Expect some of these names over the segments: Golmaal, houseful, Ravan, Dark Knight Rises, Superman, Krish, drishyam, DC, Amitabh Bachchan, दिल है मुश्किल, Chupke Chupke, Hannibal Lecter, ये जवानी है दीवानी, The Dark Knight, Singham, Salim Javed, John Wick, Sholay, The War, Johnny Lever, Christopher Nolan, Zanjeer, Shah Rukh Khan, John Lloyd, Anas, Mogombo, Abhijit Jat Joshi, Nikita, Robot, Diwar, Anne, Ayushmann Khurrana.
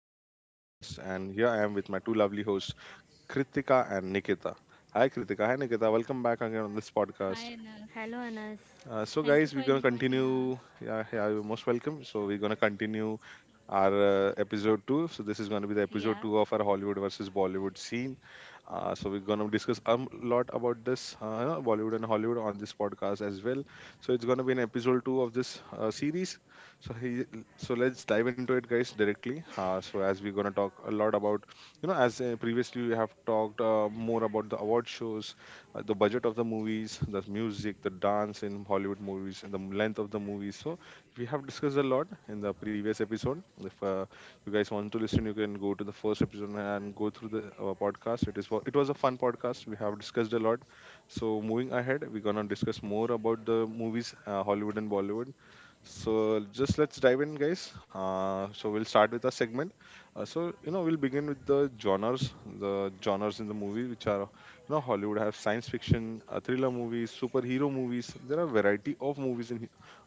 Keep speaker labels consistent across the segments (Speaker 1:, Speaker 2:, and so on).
Speaker 1: I'm your host Anas, and here I am with my two lovely hosts Kritika and Nikita. Hi Kritika, hi Nikita. Welcome back again on this podcast.
Speaker 2: Hi, Anas.
Speaker 3: Hello, Anas.
Speaker 1: So guys,
Speaker 2: Thank
Speaker 1: we're
Speaker 2: you for
Speaker 1: gonna
Speaker 2: inviting
Speaker 1: continue.
Speaker 2: us.
Speaker 1: Yeah, yeah, you're most welcome. So we're gonna continue our episode two. So this is gonna be the episode
Speaker 2: Yeah.
Speaker 1: two of our Hollywood versus Bollywood scene. So we're gonna discuss a lot about this Bollywood and Hollywood on this podcast as well. So it's gonna be an episode two of this series. So he, so let's dive into it, guys, directly. So as we're gonna talk a lot about, as previously we have talked more about the award shows, the budget of the movies, the music, the dance in Hollywood movies, and the length of the movies. So we have discussed a lot in the previous episode. If you guys want to listen, you can go to the first episode and go through the podcast. It is it was a fun podcast. We have discussed a lot. So moving ahead, we're gonna discuss more about the movies, Hollywood and Bollywood. So just let's dive in, guys. So we'll start with a segment. So you know we'll begin with the genres in the movie, which are you know Hollywood have science fiction, thriller movies, superhero movies. There are variety of movies in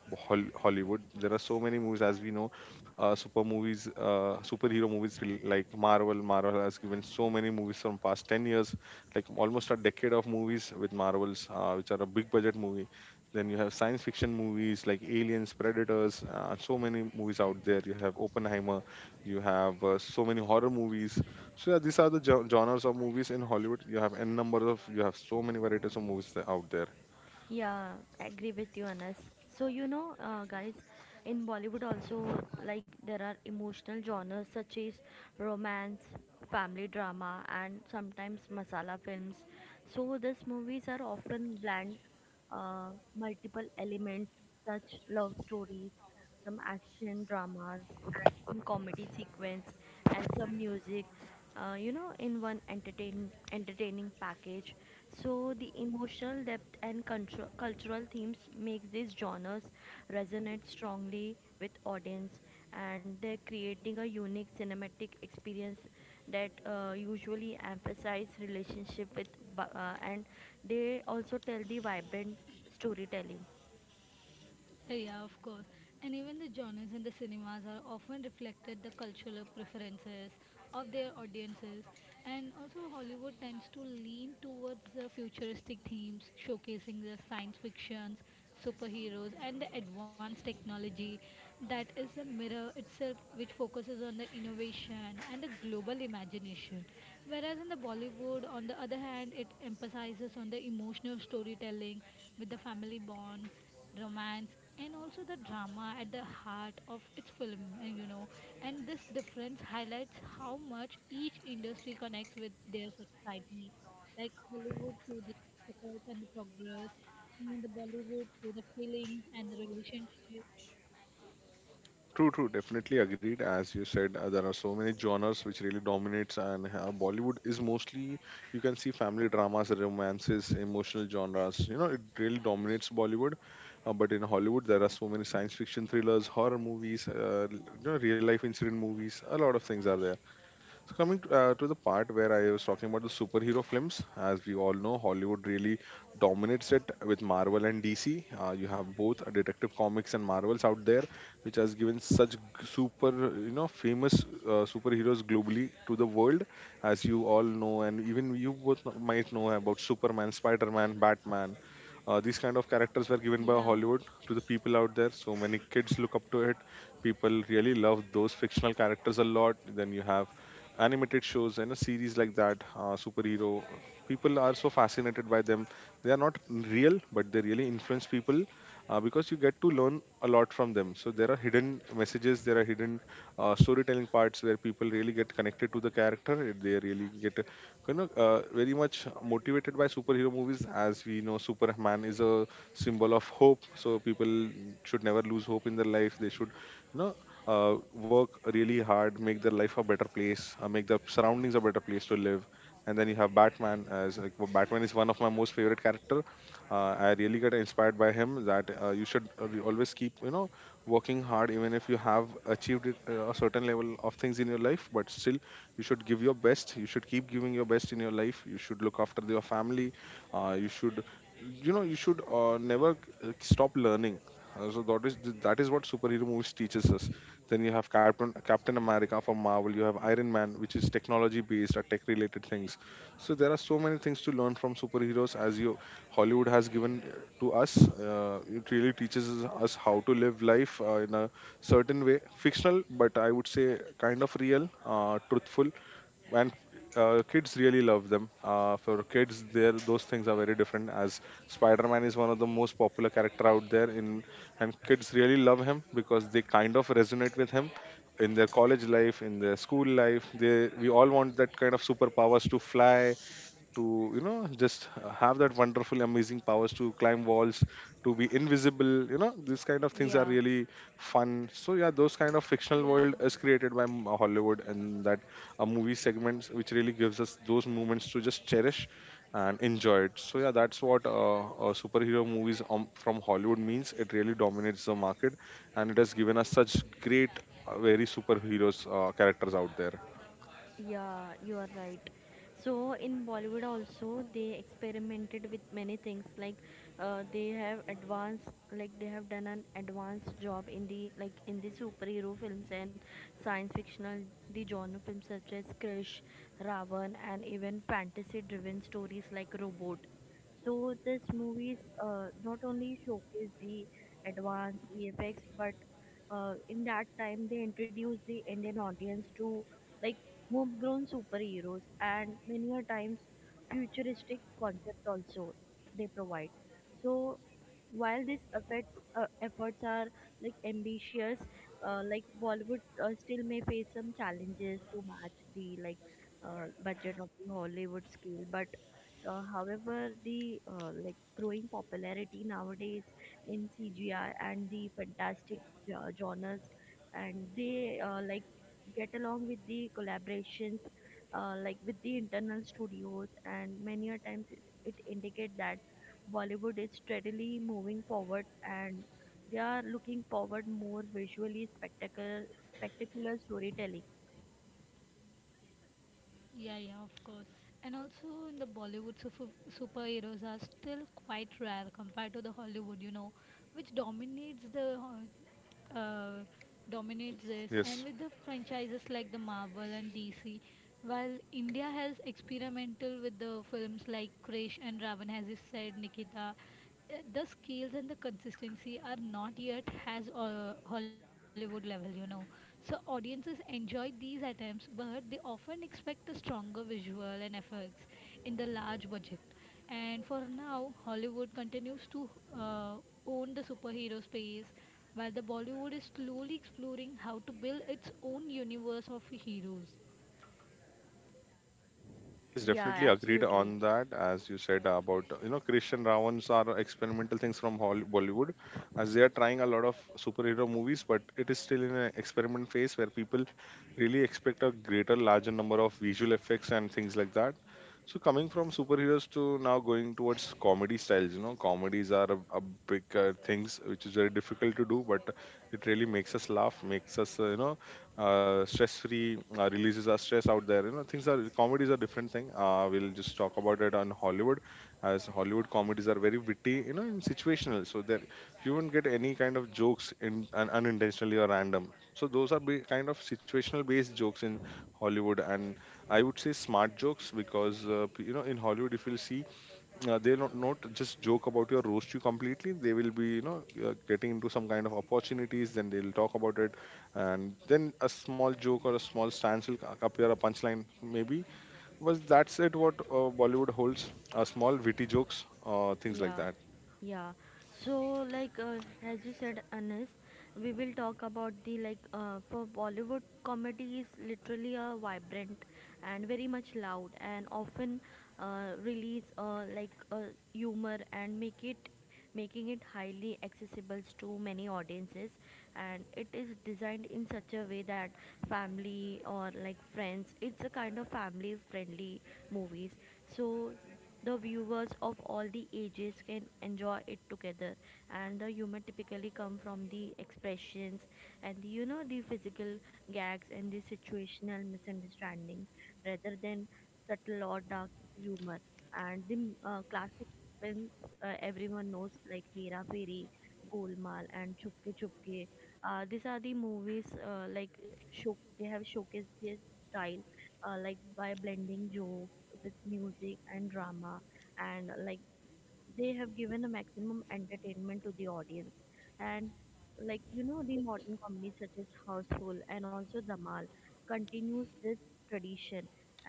Speaker 1: Hollywood. There are so many movies, as we know, super movies, superhero movies like Marvel. Marvel has given so many movies from past 10 years, like almost a decade of movies with Marvels, which are a big budget movie. Then you have science fiction movies like Aliens, Predators, so many movies out there. You have Oppenheimer, you have so many horror movies. So yeah, these are the genres of movies in Hollywood. You have n number of, you have so many varieties of movies out there.
Speaker 3: Yeah, agree with you, Anas. So, guys, in Bollywood also, like, there are emotional genres such as romance, family drama, and sometimes masala films. So, these movies are often blend uh, multiple elements such love stories, some action dramas, action comedy sequence, and some music. In one entertaining package. So the emotional depth and cultural themes make these genres resonate strongly with audience, and they're creating a unique cinematic experience that usually emphasize relationship with and they also tell the vibrant storytelling.
Speaker 2: Yeah, of course. And even the genres in the cinemas are often reflected the cultural preferences of their audiences. And also Hollywood tends to lean towards the futuristic themes, showcasing the science fictions, superheroes and the advanced technology that is the mirror itself which focuses on the innovation and the global imagination. Whereas in the Bollywood on the other hand, it emphasizes on the emotional storytelling with the family bonds, romance and also the drama at the heart of its film. And this difference highlights how much each industry connects with their society, like Hollywood through the spectacles and the progress, and the Bollywood through the feelings and the relationship.
Speaker 1: True, true, definitely agreed. As you said, there are so many genres which really dominates, and Bollywood is mostly you can see family dramas, romances, emotional genres. You know, it really dominates Bollywood. But in Hollywood, there are so many science fiction thrillers, horror movies, you know, real life incident movies. A lot of things are there. So coming to the part where I was talking about the superhero films, as we all know, Hollywood really dominates it with Marvel and DC. You have both Detective Comics and Marvels out there, which has given such super, you know, famous superheroes globally to the world, as you all know, and even you both might know about Superman, Spider-Man, Batman. These kind of characters were given
Speaker 2: yeah
Speaker 1: by Hollywood to the people out there. So many kids look up to it. People really love those fictional characters a lot. Then you have animated shows and a series like that, superhero people are so fascinated by them. They are not real, but they really influence people, because you get to learn a lot from them. So there are hidden messages, there are hidden storytelling parts where people really get connected to the character. They really get, very much motivated by superhero movies. As we know, Superman is a symbol of hope, so people should never lose hope in their life. They should, you know work really hard, make their life a better place, make the surroundings a better place to live. And then you have Batman, as like, well, Batman is one of my most favorite character. I really get inspired by him. That you should always keep, you know, working hard, even if you have achieved it, a certain level of things in your life. But still, you should give your best. You should keep giving your best in your life. You should look after your family. You should, you should never stop learning, so that is what superhero movies teaches us. Then you have Captain America from Marvel. You have Iron Man, which is technology based or tech related things. So there are so many things to learn from superheroes, as you Hollywood has given to us. It really teaches us how to live life in a certain way, fictional, but I would say kind of real, truthful. And kids really love them. For kids, there those things are very different. As Spider-Man is one of the most popular character out there, in and kids really love him because they kind of resonate with him in their college life, in their school life. They, we all want that kind of superpowers to fly, to, you know, just have that wonderful amazing powers to climb walls, to be invisible. You know, these kind of things are
Speaker 3: Yeah.
Speaker 1: really fun. So yeah, those kind of fictional world
Speaker 2: yeah
Speaker 1: is created by Hollywood, and that movie segments which really gives us those moments to just cherish and enjoy it. So yeah, that's what superhero movies from Hollywood means. It really dominates the market, and it has given us such great very superheroes characters out there.
Speaker 3: Yeah, you are right. So in Bollywood also they experimented with many things like they have advanced like they have done an advanced job in the like in the superhero films and science fictional the genre films such as Krish, Ravan and even fantasy driven stories like Robot. So this movies not only showcase the advanced VFX but in that time they introduced the Indian audience to like homegrown superheroes, and many a times futuristic concept also they provide. So while these efforts are like ambitious, like Bollywood still may face some challenges to match the like budget of the Hollywood scale, but however, the like growing popularity nowadays in CGI and the fantastic genres, and they like get along with the collaborations like with the internal studios and many a times it indicate that bollywood is steadily moving forward, and they are looking forward more visually spectacular storytelling.
Speaker 2: Yeah, yeah, of course. And also in the Bollywood, superheroes are still quite rare compared to the Hollywood, you know, which dominates the ho- uh,
Speaker 1: Global,
Speaker 2: dominates this.
Speaker 1: yes.
Speaker 2: And with the franchises like the Marvel and DC, while India has experimental with the films like Krish and Ravan, as you said, Nikita, the scales and the consistency are not yet has Hollywood level, you know. So audiences enjoy these attempts, but they often expect a stronger visual and effects in the large budget. And for now, Hollywood continues to uh, own the superhero space, while the Bollywood is slowly exploring how to build its own universe of heroes.
Speaker 1: Yes,
Speaker 3: Yeah,
Speaker 1: definitely agreed on
Speaker 3: absolutely.
Speaker 1: that. As you said about, you know, Christian Ravans are experimental things from Bollywood, as they are trying a lot of superhero movies, but it is still in an experiment phase where people really expect a greater, larger number of visual effects and things like that. So coming from superheroes to now going towards comedy styles, you know, comedies are a big things which is very difficult to do, but it really makes us laugh, makes us, stress free, releases our stress out there. You know, things are comedies are different thing. We'll just talk about it on Hollywood, as Hollywood comedies are very witty, you know, and situational. So that you won't get any kind of jokes in unintentionally or random. So those are be kind of situational based jokes in Hollywood. And I would say smart jokes, because you know, in Hollywood, if you'll see, they'll not just joke about your roast you completely. They will be, you know, getting into some kind of opportunities, then they'll talk about it, and then a small joke or a small stance will appear a punchline maybe. Was that's it what Bollywood holds small witty jokes, things like
Speaker 3: Yeah,
Speaker 1: that.
Speaker 3: yeah. So like as you said, Anas, we will talk about the like for Bollywood comedy is literally a vibrant and very much loud and often release humor and make it making it highly accessible to many audiences, and it is designed in such a way that family or like friends, it's a kind of family friendly movies, so the viewers of all the ages can enjoy it together. And the humor typically come from the expressions and the, you know the physical gags and the situational misunderstanding rather than subtle or dark humor. And the classic films, everyone knows like Hera Fairy, Golmaal and Chupke Chupke. These are the movies, like show they have showcased their style, like by blending jokes with music and drama, and like they have given a maximum entertainment to the audience. And like the modern comedies such as houseful and also dhamal continues this tradition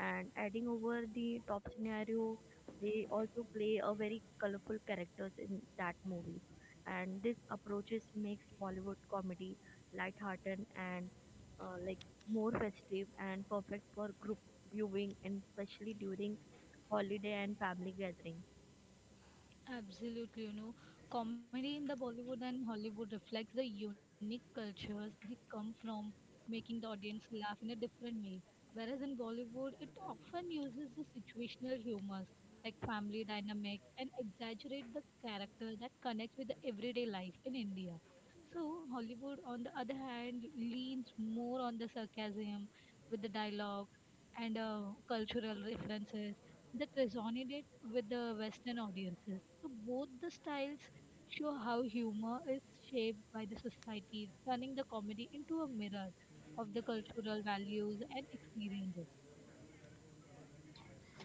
Speaker 3: and adding over the top scenario. They also play a very colorful characters in that movie, and this approaches makes bollywood comedy lighthearted and like more festive and perfect for group viewing and especially during holiday and family gathering.
Speaker 2: Absolutely, you know, comedy in the Bollywood and Hollywood reflects the unique cultures they come from, making the audience laugh in a different way. Whereas in Bollywood, it often uses the situational humors like family dynamics and exaggerate the character that connects with the everyday life in India. So Hollywood, on the other hand, leans more on the sarcasm with the dialogues and cultural references that resonated with the Western audiences. So both the styles show how humor is shaped by the society, turning the comedy into a mirror of the cultural values and experiences.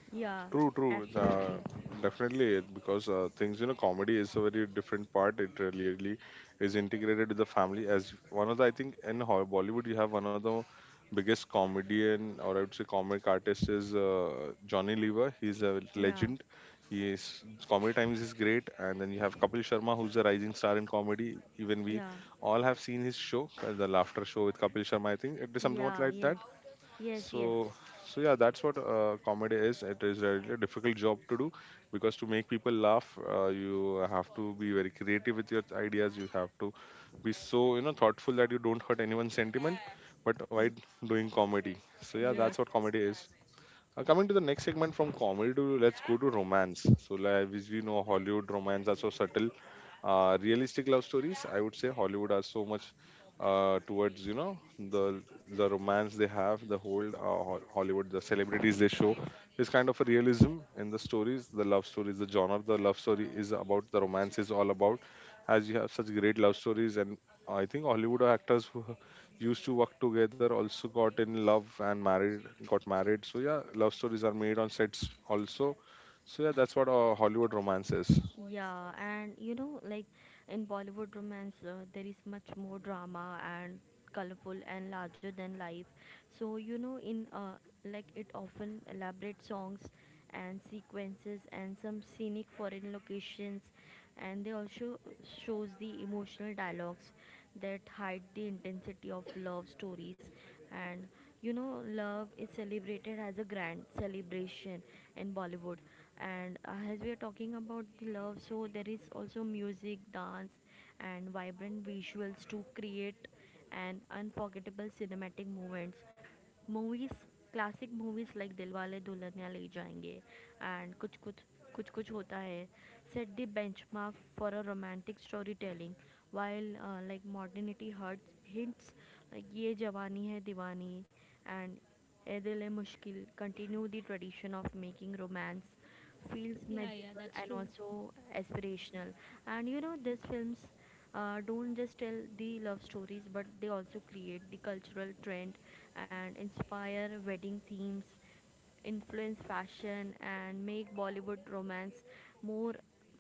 Speaker 3: Yeah,
Speaker 1: True, true. Uh,
Speaker 3: absolutely.
Speaker 1: definitely, it- because things, you know, comedy is a very different part. It really, really is integrated with the family. As one of the, I think, in Bollywood, you have one of the biggest comedian, or I would say comic artist is Johnny Lever. He's a
Speaker 3: Yeah,
Speaker 1: legend. He is comedy times is great, and then you have Kapil Sharma, who's a rising star in comedy. Even we
Speaker 3: yeah,
Speaker 1: all have seen his show, the laughter show with Kapil Sharma. I think it is something
Speaker 3: yeah,
Speaker 1: like that.
Speaker 3: yes, yes, yes,
Speaker 1: So so yeah, that's what comedy is. It is really a really difficult job to do, because to make people laugh, you have to be very creative with your ideas. You have to be so, you know, thoughtful that you don't hurt anyone's sentiment, but
Speaker 3: y-
Speaker 1: while doing comedy. So yeah, that's
Speaker 3: yes.
Speaker 1: what comedy is. Coming to the next segment from comedy to, let's go to romance. So like, as we know, Hollywood romance are so subtle, realistic love stories. I would say Hollywood are so much towards, you know, the the romance. They have the whole Hollywood, the celebrities they show is kind of a realism in the stories, the love stories, the genre. The love story is about, the romance is all about, as you have such great love stories. And I think Hollywood actors who used to work together also got in love and married, got married. So yeah, love stories are made on sets also. So yeah, that's what Hollywood romance is.
Speaker 3: Yeah, and like in Bollywood romance, there is much more drama and colorful and larger than life. So, in like it often elaborate songs and sequences and some scenic foreign locations, and they also shows the emotional dialogues that hide the intensity of love stories. And love is celebrated as a grand celebration in bollywood. And as we are talking about the love, so there is also music dance and vibrant visuals to create an unforgettable cinematic moments. Movies classic movies like Dilwale Dulhania Le Jayenge and Kuch Kuch Kuch Kuch Hota Hai set the benchmark for a romantic story telling while like modernity hurt hints like ये जवानी है दीवानी and Ae दिल है मुश्किल continue the tradition of making romance feels
Speaker 2: Yeah,
Speaker 3: magical
Speaker 2: that's
Speaker 3: and
Speaker 2: true.
Speaker 3: also aspirational. And these films don't just tell the love stories, but they also create the cultural trend and inspire wedding themes, influence fashion, and make Bollywood romance more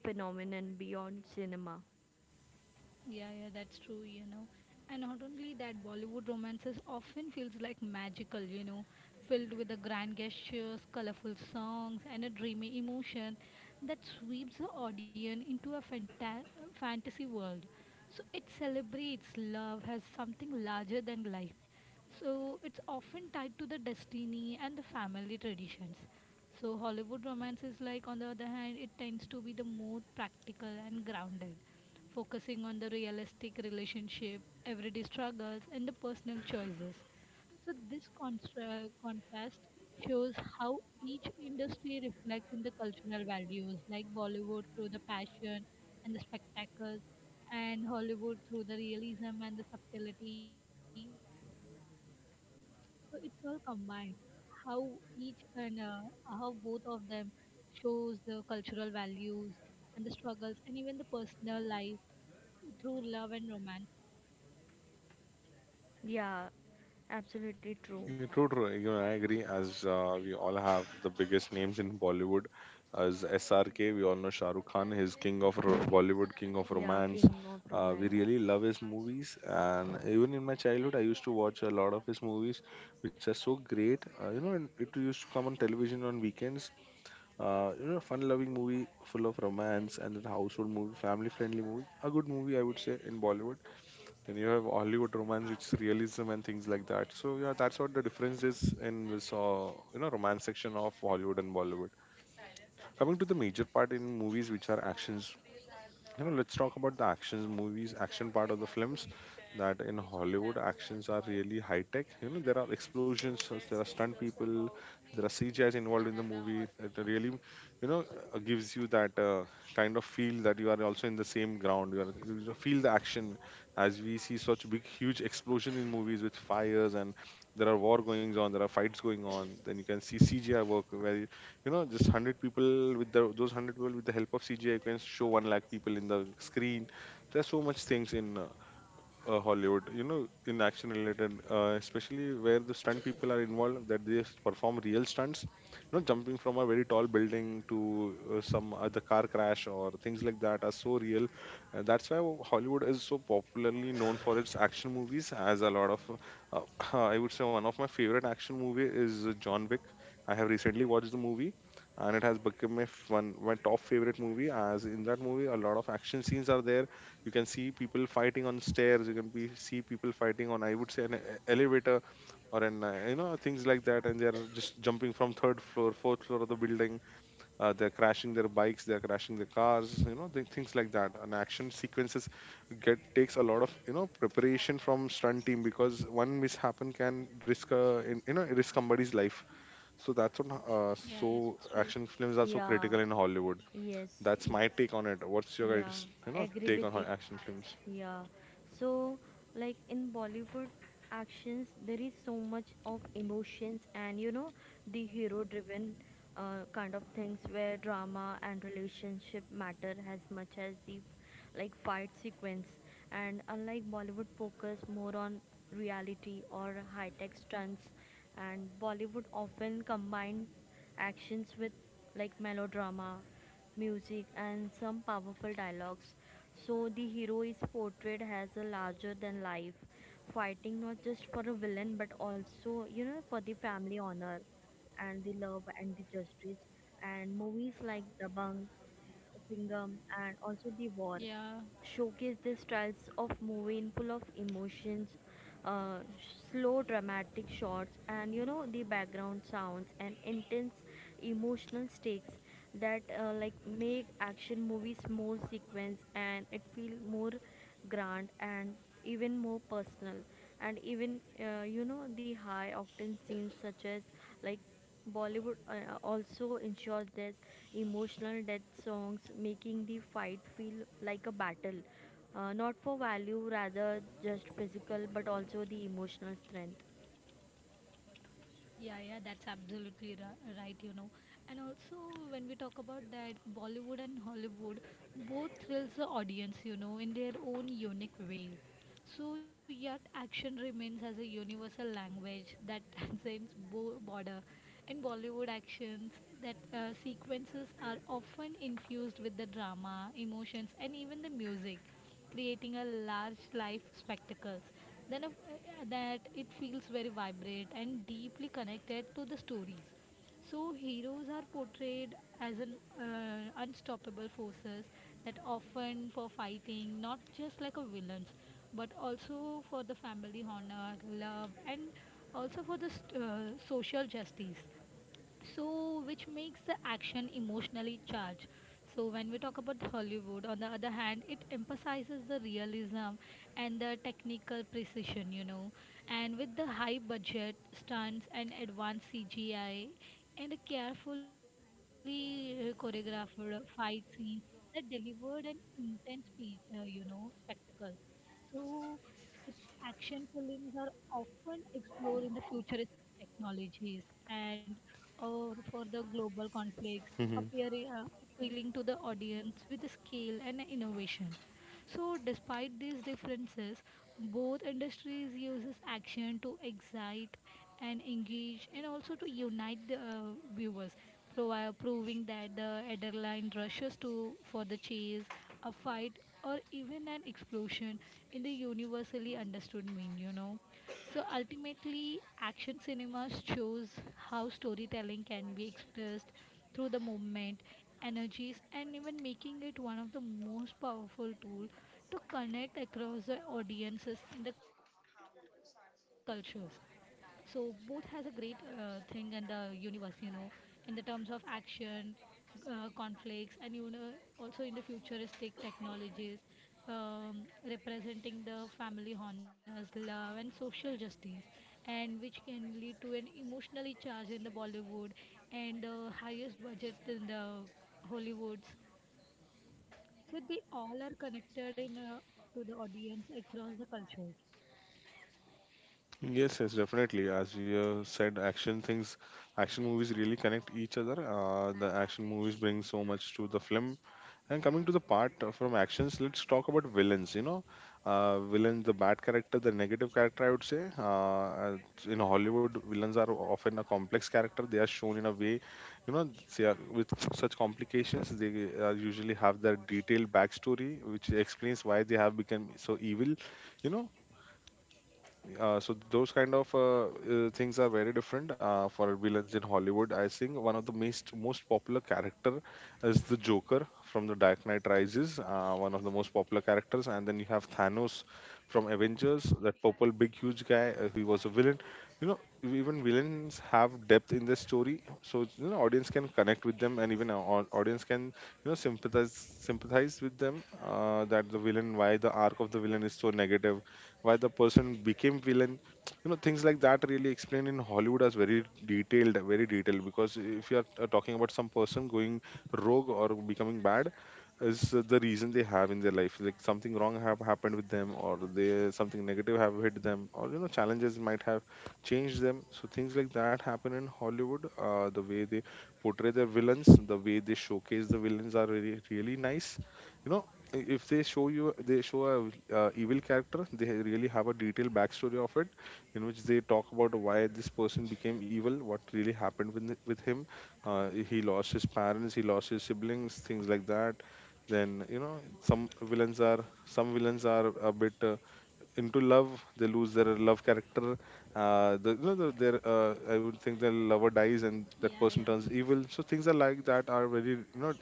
Speaker 3: phenomenon beyond cinema.
Speaker 2: Yeah, that's true, you know. And not only that, Bollywood romances often feels like magical, you know, filled with the grand gestures, colorful songs, and a dreamy emotion that sweeps the audience into a fantasy world. So it celebrates love as something larger than life. So it's often tied to the destiny and the family traditions. So Hollywood romances, like on the other hand, it tends to be the more practical and grounded, focusing on the realistic relationship, everyday struggles, and the personal choices. So, this contrast shows how each industry reflects in the cultural values, like Bollywood through the passion and the spectacles, and Hollywood through the realism and the subtlety. So, it's all combined. How each and how both of them shows the cultural values and the struggles and even the personal life through love and romance.
Speaker 3: Yeah, absolutely true.
Speaker 1: Yeah, true, true. You know, I agree. As we all have the biggest names in Bollywood, as SRK, we all know Shah Rukh Khan, his king of Bollywood, king of
Speaker 3: Yeah,
Speaker 1: romance.
Speaker 3: King of
Speaker 1: We
Speaker 3: Romance.
Speaker 1: really love his movies, and even in my childhood, I used to watch a lot of his movies, which are so great. You know, and it used to come on television on weekends. You know, fun-loving movie full of romance and a household movie, family-friendly movie, a good movie, I would say, in Bollywood. Then you have Hollywood romance, which is realism and things like that. So yeah, that's what the difference is in this, romance section of Hollywood and Bollywood. Coming to the major part in movies, which are actions. You know, let's talk about the actions movies, action part of the films. That in Hollywood, actions are really high tech. You know, there are explosions, so there are stunt people, there are CGIs involved in the movie. It really, you know, gives you that kind of feel that you are also in the same ground. You feel the action as we see such big, huge explosion in movies with fires and there are war goings on, there are fights going on. Then you can see CGI work where just 100 people with those 100 people with the help of CGI can show 1 lakh people in the screen. There's so much things in Hollywood, in action related, especially where the stunt people are involved, that perform real stunts, jumping from a very tall building to some other car crash or things like that are so real. And that's why Hollywood is so popularly known for its action movies, as a lot of, uh, I would say, one of my favorite action movie is John Wick. I have recently watched the movie, and it has become one my top favorite movie, as in that movie a lot of action scenes are there. You can see people fighting on stairs. See people fighting on, I would say, elevator or things like that. And they're just jumping from third floor, fourth floor of the building. They're crashing their bikes. They're crashing their cars. You know, things like that. And action sequences get takes a lot of preparation from stunt team, because one mishappen can risk risk somebody's life. So that's what,
Speaker 2: Yeah,
Speaker 1: so
Speaker 2: yeah, that's true.
Speaker 1: action films are so
Speaker 3: Yeah,
Speaker 1: critical in Hollywood.
Speaker 3: yes,
Speaker 1: That's
Speaker 3: y-
Speaker 1: my take on it. What's your
Speaker 3: yeah,
Speaker 1: guys
Speaker 3: agree
Speaker 1: take on
Speaker 3: with you.
Speaker 1: action films?
Speaker 3: Yeah. So, like in Bollywood actions, there is so much of emotions. And the hero-driven kind of things where drama and relationship matter as much as the like fight sequence. And unlike Bollywood, focus more on reality or high-tech stunts, and Bollywood often combine actions with like melodrama music, and some powerful dialogues. So the hero is portrayed as a larger than life, fighting not just for a villain but also, for the family honor and the love and the justice. And movies like Dabang, Singham, and also The War
Speaker 2: Yeah,
Speaker 3: showcase the styles of movie in full of emotions, uh, slow dramatic shots. And the background sounds and intense emotional stakes that like make action movies more sequence and it feel more grand and even more personal. And even the high octane scenes such as like Bollywood also ensures that emotional death songs, making the fight feel like a battle, not for value, rather just physical, but also the emotional strength.
Speaker 2: yeah, that's absolutely right, you know. And also, when we talk about that, Bollywood and Hollywood both thrills the audience, you know, in their own unique way. So, yet action remains as a universal language that transcends border. In Bollywood actions, that sequences are often infused with the drama, emotions, and even the music, creating a large life spectacles. Then, that it feels very vibrant and deeply connected to the stories. So, heroes are portrayed as an unstoppable forces that often for fighting, not just like a villains, but also for the family honor, love, and also for the social justice, so which makes the action emotionally charged. So when we talk about Hollywood, on the other hand, it emphasizes the realism and the technical precision, you know, and with the high budget stunts and advanced CGI and a carefully choreographed fight scenes that delivered an intense you know spectacle. So its action films are often explored in the futurist technologies and for the global conflicts,
Speaker 1: Hmm.
Speaker 2: appealing to the audience with the scale and innovation. So despite these differences, both industries uses action to excite and engage and also to unite the viewers, proving that the adrenaline rushes to for the chase, a fight or even an explosion in the universally understood mean, you know. So ultimately, action cinemas shows how storytelling can be expressed through the movement, energies, and even making it one of the most powerful tools to connect across the audiences and the cultures. So both has a great thing in the universe, you know, in the terms of action, conflicts and you know also in the futuristic technologies, um, representing the family honors, love and social justice, and which can lead to an emotionally charged in the Bollywood and the highest budget in the Hollywoods. So they all are connected in to the audience across the cultures.
Speaker 1: Yes, yes, definitely. As you have said, action movies really connect each other. The action movies bring so much to the film. And coming to the part, from actions, let's talk about villains. You know, villain, the bad character, the negative character. I would say, in Hollywood, villains are often a complex character. They are shown in a way, you know, with such complications. They usually have their detailed backstory, which explains why they have become so evil. You know, so those kind of things are very different for villains in Hollywood. I think one of the most popular character is the Joker from the Dark Knight Rises, one of the most popular characters, and then you have Thanos from Avengers, that purple big huge guy. He was a villain. You know, even villains have depth in their story, so audience can connect with them, and even our audience can sympathize with them. That the villain, why the arc of the villain is so negative, why the person became villain, things like that really explained in Hollywood as very detailed very detailed, because if you are talking about some person going rogue or becoming bad, is the reason they have in their life, like something wrong have happened with them, or they something negative have hit them, or challenges might have changed them. So things like that happen in Hollywood, the way they portray their villains, the way they showcase the villains are really really nice you know if they show a evil character, they really have a detailed backstory of it, in which they talk about why this person became evil, what really happened with him. He lost his parents, he lost his siblings, things like that. Then some villains are a bit into love, they lose their love character. Their, I would think, their lover dies and
Speaker 2: yeah
Speaker 1: that
Speaker 2: yeah
Speaker 1: person turns evil, so things are like that are very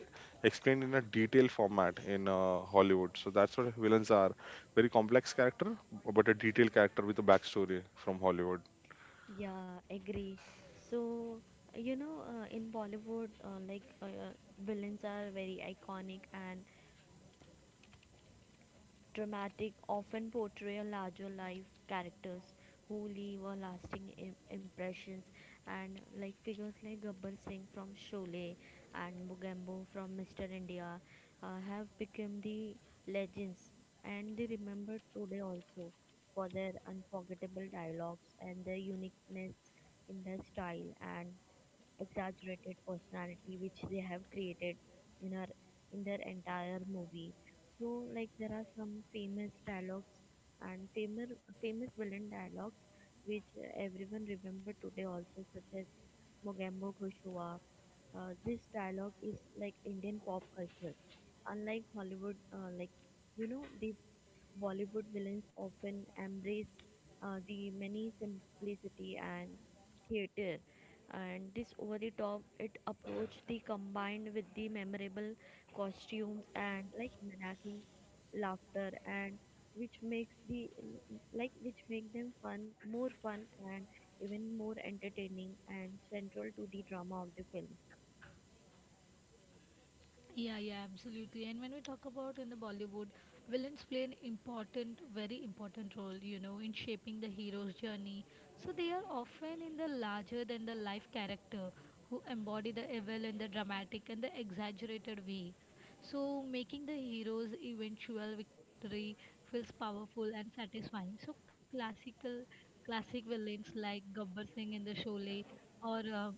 Speaker 1: explained in a detailed format in Hollywood, so that's what villains are, very complex character, but a detailed character with a backstory from Hollywood.
Speaker 3: Yeah, agree. So, in Bollywood, villains are very iconic and dramatic, often portray a larger life characters who leave a lasting impressions. And like figures like Gabbar Singh from Sholay and Mugambo from Mr. India have become the legends, and they remembered today also for their unforgettable dialogues and their uniqueness in their style and exaggerated personality which they have created in her in their entire movie. So like there are some famous dialogues and famous villain dialogues which everyone remember today also, such as Mogambo Khoshuwa. This dialogue is like Indian pop culture. Unlike Hollywood, like you know they Bollywood villains often embrace the many simplicity and theater, and this over the top it approach the combined with the memorable costumes and like mimicking laughter, and which makes the like which make them fun more fun and even more entertaining and central to the drama of the film.
Speaker 2: Yeah, yeah, absolutely. And when we talk about in the Bollywood, villains play an very important role, you know, in shaping the hero's journey. So they are often in the larger than the life character who embody the evil in the dramatic and the exaggerated way. So making the hero's eventual victory feels powerful and satisfying. So classic villains like Gabbar Singh in the Sholay or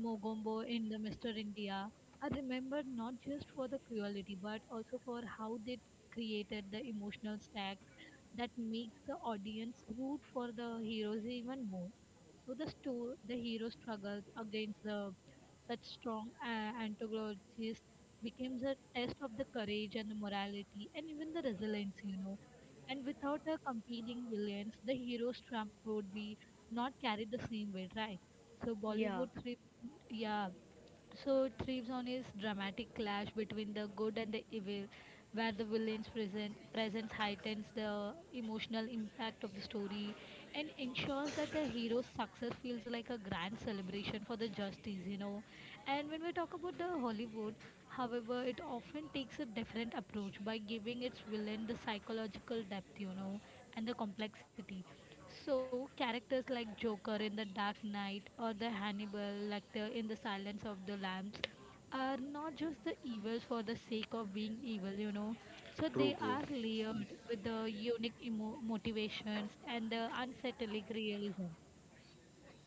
Speaker 2: Mogombo in the Mr. India are remembered not just for the cruelty but also for how they created the emotional stacks that makes the audience root for the heroes even more. So the hero struggles against the such strong antagonists becomes a test of the courage and the morality and even the resilience, you know. And without a compelling villains, the hero's trump would be not carried the same way, right? So
Speaker 3: Yeah,
Speaker 2: Yeah, so it thrives on his dramatic clash between the good and the evil, where the presence heightens the emotional impact of the story and ensures that the hero's success feels like a grand celebration for the justice, you know. And when we talk about the Hollywood, however, it often takes a different approach by giving its villain the psychological depth, you know, and the complexity. So characters like Joker in The Dark Knight or the Hannibal Lecter in The Silence of the Lambs are not just the evils for the sake of being evil, you know. So they
Speaker 1: True, true.
Speaker 2: are layered with the unique motivations and the unsettling realism.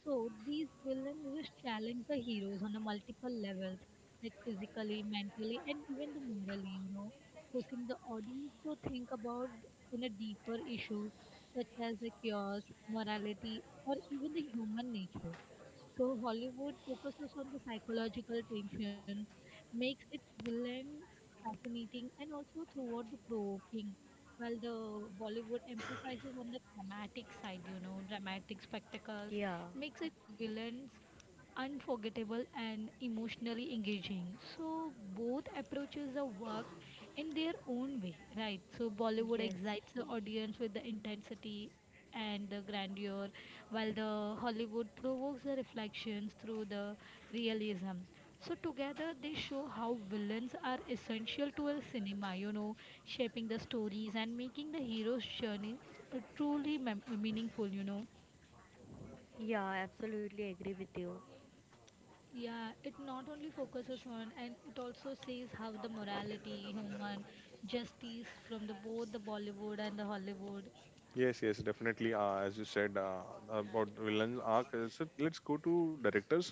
Speaker 2: So these villains just challenge the heroes on a multiple levels, like physically, mentally, and even the morally, you know, pushing the audience to think about in a deeper issue such as the chaos, morality, or even the human nature. So Hollywood focuses on the psychological tensions, makes its villains fascinating and also throughout the provoking, while the Bollywood emphasizes on the dramatic side, you know, dramatic spectacles,
Speaker 3: yeah,
Speaker 2: makes its villains unforgettable and emotionally engaging. So both approaches are work in their own way, right? So Bollywood
Speaker 3: yes.
Speaker 2: excites the audience with the intensity and the grandeur, while the Hollywood provokes the reflections through the realism. So together they show how villains are essential to a cinema, you know, shaping the stories and making the hero's journey truly meaningful, you know.
Speaker 3: Yeah, I absolutely agree with you.
Speaker 2: Yeah, it not only focuses on and it also says how the morality, human justice from the both the Bollywood and the Hollywood.
Speaker 1: Yes, yes, definitely. As you said, about villain arc, so let's go to directors.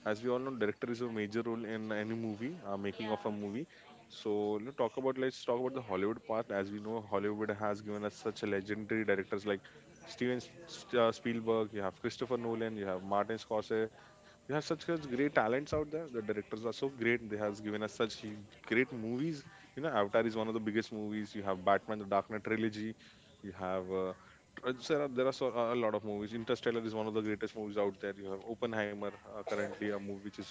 Speaker 1: As we all know, director is a major role in any movie, making of a
Speaker 2: Yeah,
Speaker 1: movie. So let's talk about the Hollywood part. As we know, Hollywood has given us such a legendary directors like Steven Spielberg. You have Christopher Nolan. You have Martin Scorsese. We have such great talents out there. The directors are so great. They has given us such great movies. You know, Avatar is one of the biggest movies. You have Batman: The Dark Knight trilogy. You have there are so, a lot of movies. Interstellar is one of the greatest movies out there. You have Oppenheimer, currently a movie which is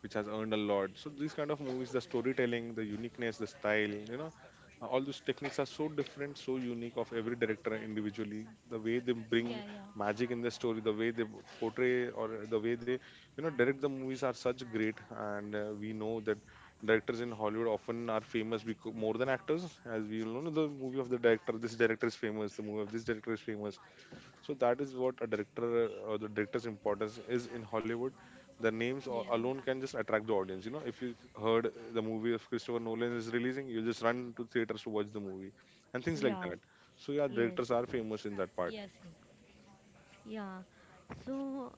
Speaker 1: which has earned a lot. So these kind of movies, the storytelling, the uniqueness, the style, all those techniques are so different, so unique of every director individually. The way they
Speaker 2: yeah,
Speaker 1: bring
Speaker 2: yeah,
Speaker 1: magic in the story, the way they portray, or the way they direct the movies are such great. And we know that directors in Hollywood often are famous because more than actors. As we all know, the movie of the director, this director is famous, the movie of this director is famous, so that is what a director, or the director's importance is in Hollywood. The names
Speaker 2: yeah.
Speaker 1: alone can just attract the audience. You know, if you heard the movie of Christopher Nolan is releasing, you just run to theaters to watch the movie, and things like
Speaker 3: Yeah,
Speaker 1: that. So yeah,
Speaker 3: yes.
Speaker 1: directors are famous in that
Speaker 2: Yes,
Speaker 1: part.
Speaker 2: yes.
Speaker 3: Yeah. So,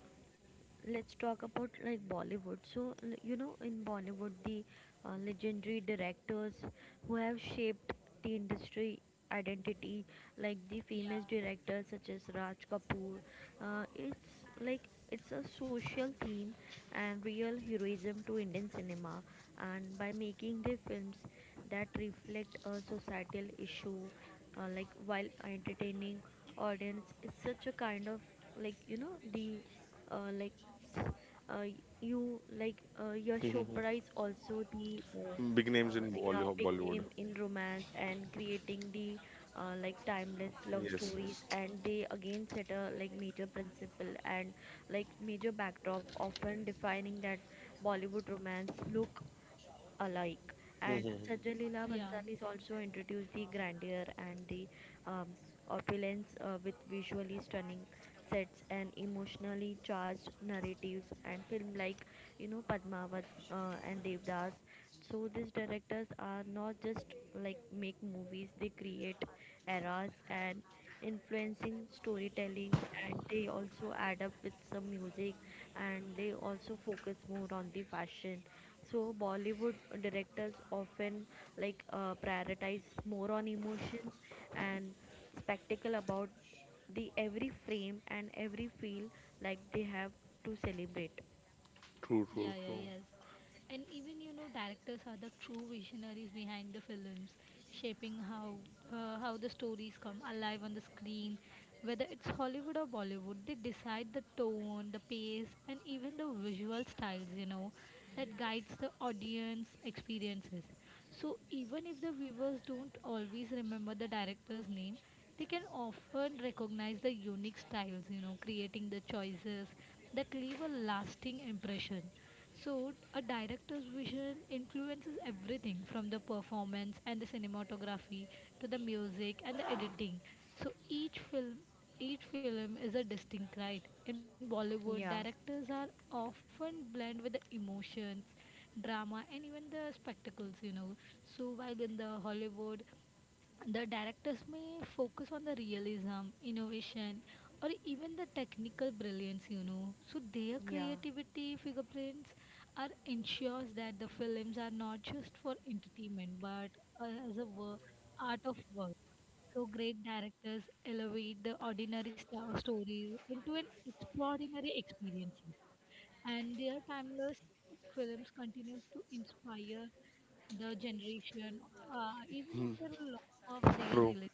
Speaker 3: let's talk about like Bollywood. So, in Bollywood, the legendary directors who have shaped the industry identity, like the famous
Speaker 2: Yeah,
Speaker 3: directors such as Raj Kapoor, it's like it's a social theme and real heroism to Indian cinema, and by making their films that reflect a societal issue, like while entertaining audience, is such a kind of like the like s- uh, you like Yash Chopra is also the
Speaker 1: Big names
Speaker 3: uh,
Speaker 1: in
Speaker 3: yeah
Speaker 1: Bolly-
Speaker 3: big name
Speaker 1: bollywood
Speaker 3: in romance, and creating the like timeless love
Speaker 1: Yes, yes.
Speaker 3: stories, and they again set a like major principle and like major backdrop often defining that Bollywood romance look alike. And Sajjal Leela
Speaker 2: yeah.
Speaker 3: Bhansalis also introduced the grandeur and the um, opulence, with visually stunning sets and emotionally charged narratives and film like Padmavat and Devdas. So these directors are not just like make movies; they create eras and influencing storytelling, and they also add up with some music, and they also focus more on the fashion. So bollywood directors often like prioritize more on emotions and spectacle about the every frame and every feel like they have to celebrate.
Speaker 1: True,
Speaker 2: Yeah,
Speaker 1: true, true.
Speaker 2: yeah, yes. And even you know, directors are the true visionaries behind the films, shaping how the stories come alive on the screen. Whether it's Hollywood or Bollywood, they decide the tone, the pace, and even the visual styles. You know, that guides the audience experiences. So even if the viewers don't always remember the director's name, they can often recognize the unique styles, you know, creating the choices that leave a lasting impression. So a director's vision influences everything from the performance and the cinematography to the music and the editing. So each film is a distinct right. In Bollywood,
Speaker 3: Yeah,
Speaker 2: directors are often blend with the emotions, drama and even the spectacles, you know. So while in the Hollywood, the directors may focus on the realism, innovation, or even the technical brilliance, you know. So their
Speaker 3: yeah.
Speaker 2: creativity fingerprints are ensures that the films are not just for entertainment but uh, as a work, art of work. So great directors elevate the ordinary stories into an extraordinary experiences, and their timeless films continues to inspire the generation even
Speaker 1: Hmm.
Speaker 2: after a lot of their
Speaker 1: True,
Speaker 2: release.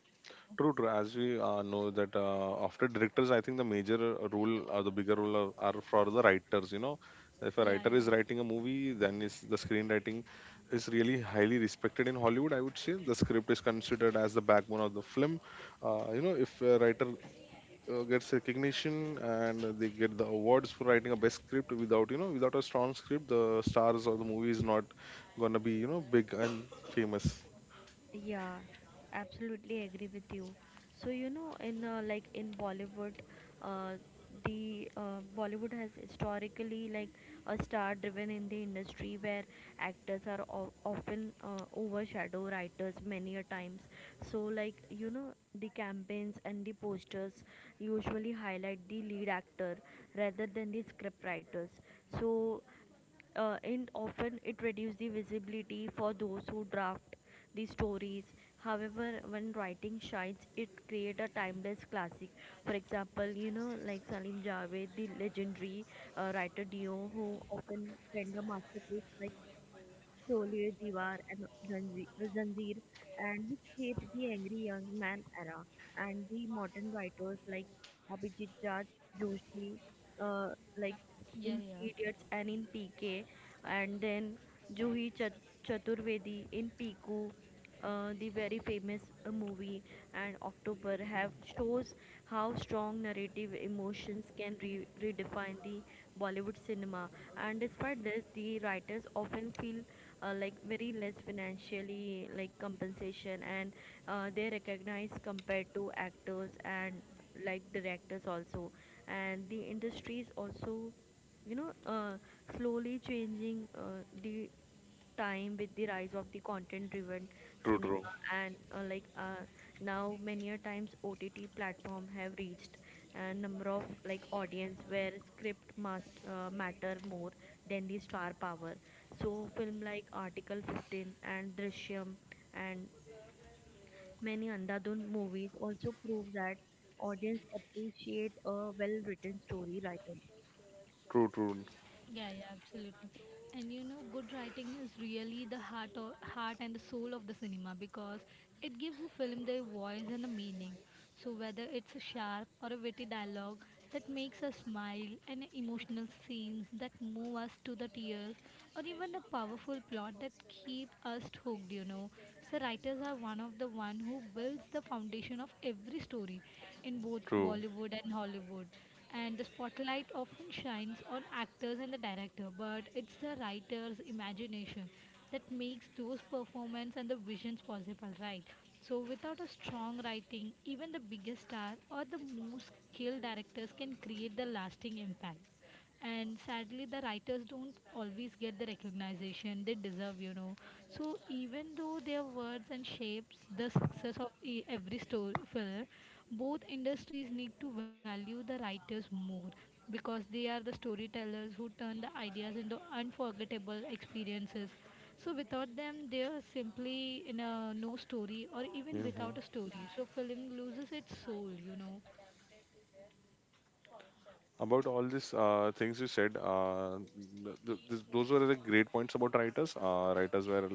Speaker 1: true, true. As we know that, after directors, I think the bigger role, are for the writers. You know, if a writer
Speaker 2: Yeah,
Speaker 1: is
Speaker 2: yeah,
Speaker 1: writing a movie, then is the screenwriting is really highly respected in Hollywood. I would say the script is considered as the backbone of the film. You know, if a writer gets recognition and they get the awards for writing a best script, without you know, without a strong script, the stars or the movie is not gonna be big and famous.
Speaker 3: Yeah, absolutely agree with you. So in like in Bollywood, uh, the Bollywood has historically like a star-driven in the industry where actors are often overshadow writers many a times. So like the campaigns and the posters usually highlight the lead actor rather than the script writers. So and often it reduces the visibility for those who draft the stories. However, when writing shines, it creates a timeless classic. For example, like Salim Javed, the legendary writer Dio, who often penned a masterpiece like Sholay, Diwar, and Zanjeer, and which shapes the angry young man era. And the modern writers like Abhijit Jat Joshi, uh, like
Speaker 2: yeah, yeah.
Speaker 3: in Three Idiots and in PK, and then Juhi Chaturvedi in Piku, the very famous movie, and October have shows how strong narrative emotions can redefine the Bollywood cinema. And despite this, the writers often feel like very less financially like compensation, and they recognize compared to actors and like directors also. And the industry is also you know uh, slowly changing the time with the rise of the content driven
Speaker 1: True, true.
Speaker 3: cinema, and now many a times OTT platform have reached a number of like audience where script must matter more than the star power. So film like article 15 and drishyam and many andhadhun movies also prove that audience appreciate a well written story writer.
Speaker 1: True, true,
Speaker 2: Yeah, absolutely. And you know, good writing is really the heart and the soul of the cinema because it gives the film their voice and a meaning. So whether it's a sharp or a witty dialogue that makes us smile and emotional scenes that move us to the tears or even a powerful plot that keep us hooked, you know. So writers are one of the one who builds the foundation of every story in both
Speaker 1: true.
Speaker 2: Bollywood and Hollywood, and the spotlight often shines on actors and the director, but it's the writer's imagination that makes those performances and the visions possible, right? So without a strong writing, even the biggest star or the most skilled directors can create the lasting impact. And sadly, the writers don't always get the recognition they deserve, you know. So even though their words and shapes the success of every story film, both industries need to value the writers more because they are the storytellers who turn the ideas into unforgettable experiences. So without them they are simply in a no story or even
Speaker 1: Mhm.
Speaker 2: without a story, so film loses its soul, you know
Speaker 1: About all these things you said, those were the great points about writers. Writers were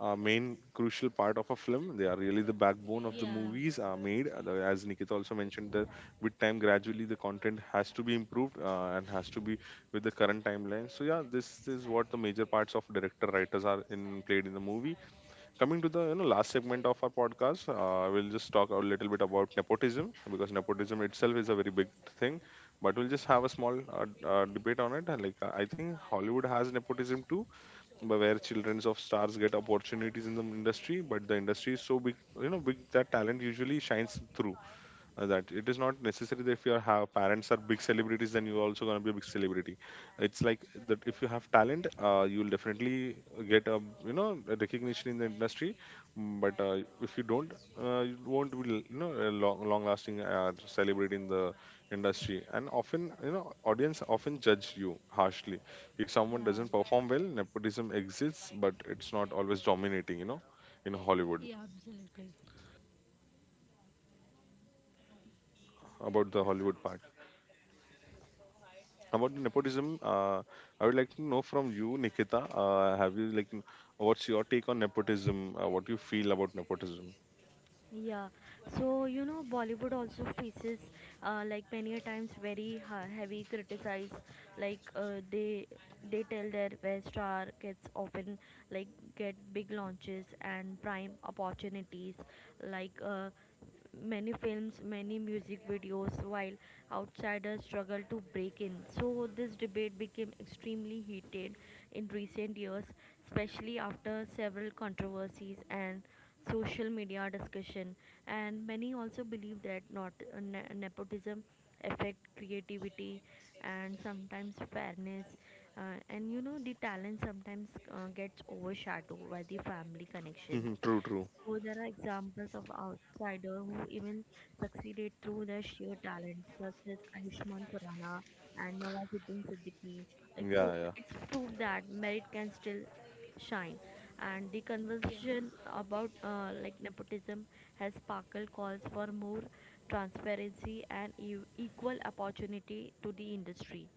Speaker 1: a main crucial part of a film. They are really the backbone of the
Speaker 2: yeah
Speaker 1: movies are made. As Nikita also mentioned, that with time gradually the content has to be improved, and has to be with the current timeline. So yeah, this is what the major parts of director writers are in played in the movie. Coming to the, last segment of our podcast, we'll just talk a little bit about nepotism, because nepotism itself is a very big thing, but we'll just have a small debate on it. And like, I think Hollywood has nepotism too, but where children of stars get opportunities in the industry. But the industry is so big, big that talent usually shines through, that it is not necessary that if your parents are big celebrities, then you're also going to be a big celebrity. It's like that, if you have talent, you will definitely get a you know a recognition in the industry. But if you don't, you won't be a long long lasting celebrity in the industry. And often audience often judge you harshly if someone
Speaker 2: yeah
Speaker 1: doesn't perform well. Nepotism exists, but it's not always dominating. In Hollywood.
Speaker 2: yeah absolutely
Speaker 1: About the Hollywood part. About the nepotism, I would like to know from you, Nikita. Have you like, n- What's your take on nepotism? What do you feel about nepotism?
Speaker 3: Yeah, so Bollywood also faces like many a times very heavy criticize. Like they tell their where star gets often like get big launches and prime opportunities. Like many films, many music videos, while outsiders struggle to break in. So, this debate became extremely heated in recent years, especially after several controversies and social media discussion. And many also believe that not nepotism affect creativity and sometimes fairness, uh, and the talent sometimes gets overshadowed by the family connections.
Speaker 1: Mhm, true, true.
Speaker 3: So there are examples of outsiders who even succeeded through their sheer talent, such as Ayushmann Khurrana and Nawazuddin Siddiqui. It
Speaker 1: Yeah, yeah.
Speaker 3: it's proof that merit can still shine. And the
Speaker 2: yeah
Speaker 3: conversation about like nepotism has sparkled calls for more transparency and equal opportunity to the industry.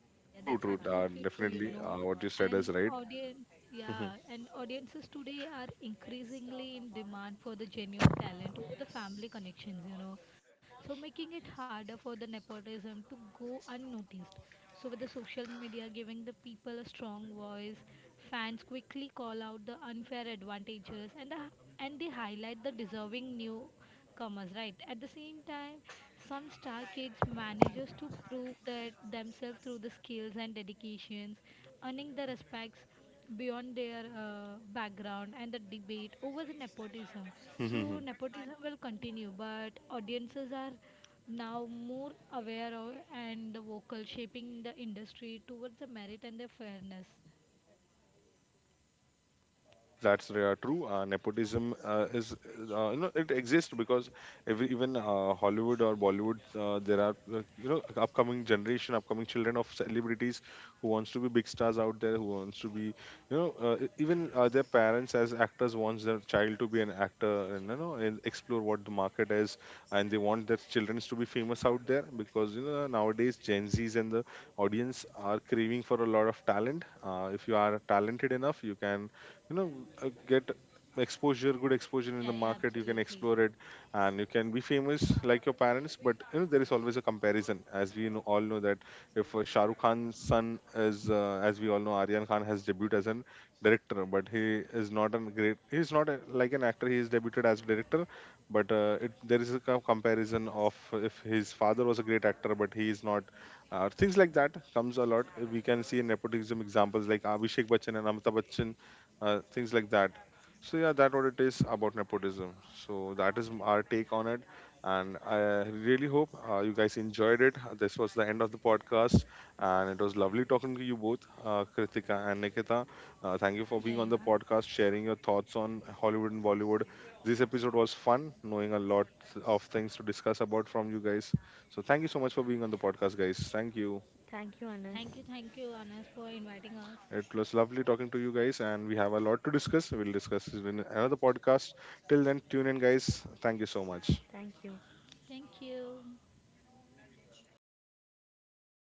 Speaker 2: Yeah, yeah,
Speaker 1: True,
Speaker 2: that's
Speaker 1: true.
Speaker 2: absolutely true, you
Speaker 1: Definitely.
Speaker 2: know.
Speaker 1: What you said is
Speaker 2: And
Speaker 1: right.
Speaker 2: audience,
Speaker 1: Mhm,
Speaker 2: yeah, and audiences today are increasingly in demand for the genuine talent over the family connections, you know. So making it harder for the nepotism to go unnoticed. So, with the social media giving the people a strong voice, fans quickly call out the unfair advantages, and they highlight the deserving newcomers. Right. At the same time, some star kids manages to prove that themselves through the skills and dedications, earning the respects beyond their background and the debate over the nepotism.
Speaker 1: mhm,
Speaker 2: So
Speaker 1: mhm.
Speaker 2: nepotism will continue, but audiences are now more aware of and vocal, shaping the industry towards the merit and the fairness.
Speaker 1: Yes, that's true. Nepotism is. It exists because even Hollywood or Bollywood, there are, upcoming generation, upcoming children of celebrities who wants to be big stars out there, who wants to be, even their parents as actors wants their child to be an actor, and explore what the market is. And they want their children to be famous out there, because, nowadays Gen Zs and the audience are craving for a lot of talent. If you are talented enough, you can you know get exposure good exposure in
Speaker 2: Yeah,
Speaker 1: the
Speaker 2: yeah,
Speaker 1: market, you can
Speaker 2: absolutely.
Speaker 1: explore it, and you can be famous like your parents. But there is always a comparison, as we know, all know, that if Shah Rukh Khan's son is, as we all know, Aryan Khan has debuted as an director, but he is not a great, he is not a, like an actor, he is debuted as a director. But there is a comparison of, if his father was a great actor, but he is not, things like that comes a lot. We can see in nepotism examples like Abhishek Bachchan and Amitabh Bachchan, things like that. So yeah, that what it is about nepotism. So that is our take on it, and I really hope you guys enjoyed it. This was the end of the podcast, and it was lovely talking to you both, Kritika and Nikita. Thank you for
Speaker 2: Yeah,
Speaker 1: being
Speaker 2: yeah.
Speaker 1: on the podcast, sharing your thoughts on Hollywood and Bollywood. This episode was fun, knowing a lot of things to discuss about from you guys. So thank you so much for being on the podcast, guys. Thank you.
Speaker 3: Thank you, Anas.
Speaker 2: Thank you, Anas, for inviting us.
Speaker 1: It was lovely talking to you guys, and we have a lot to discuss. We'll discuss it in another podcast. Till then, tune in, guys. Thank you so much.
Speaker 3: Thank you.
Speaker 2: Thank you.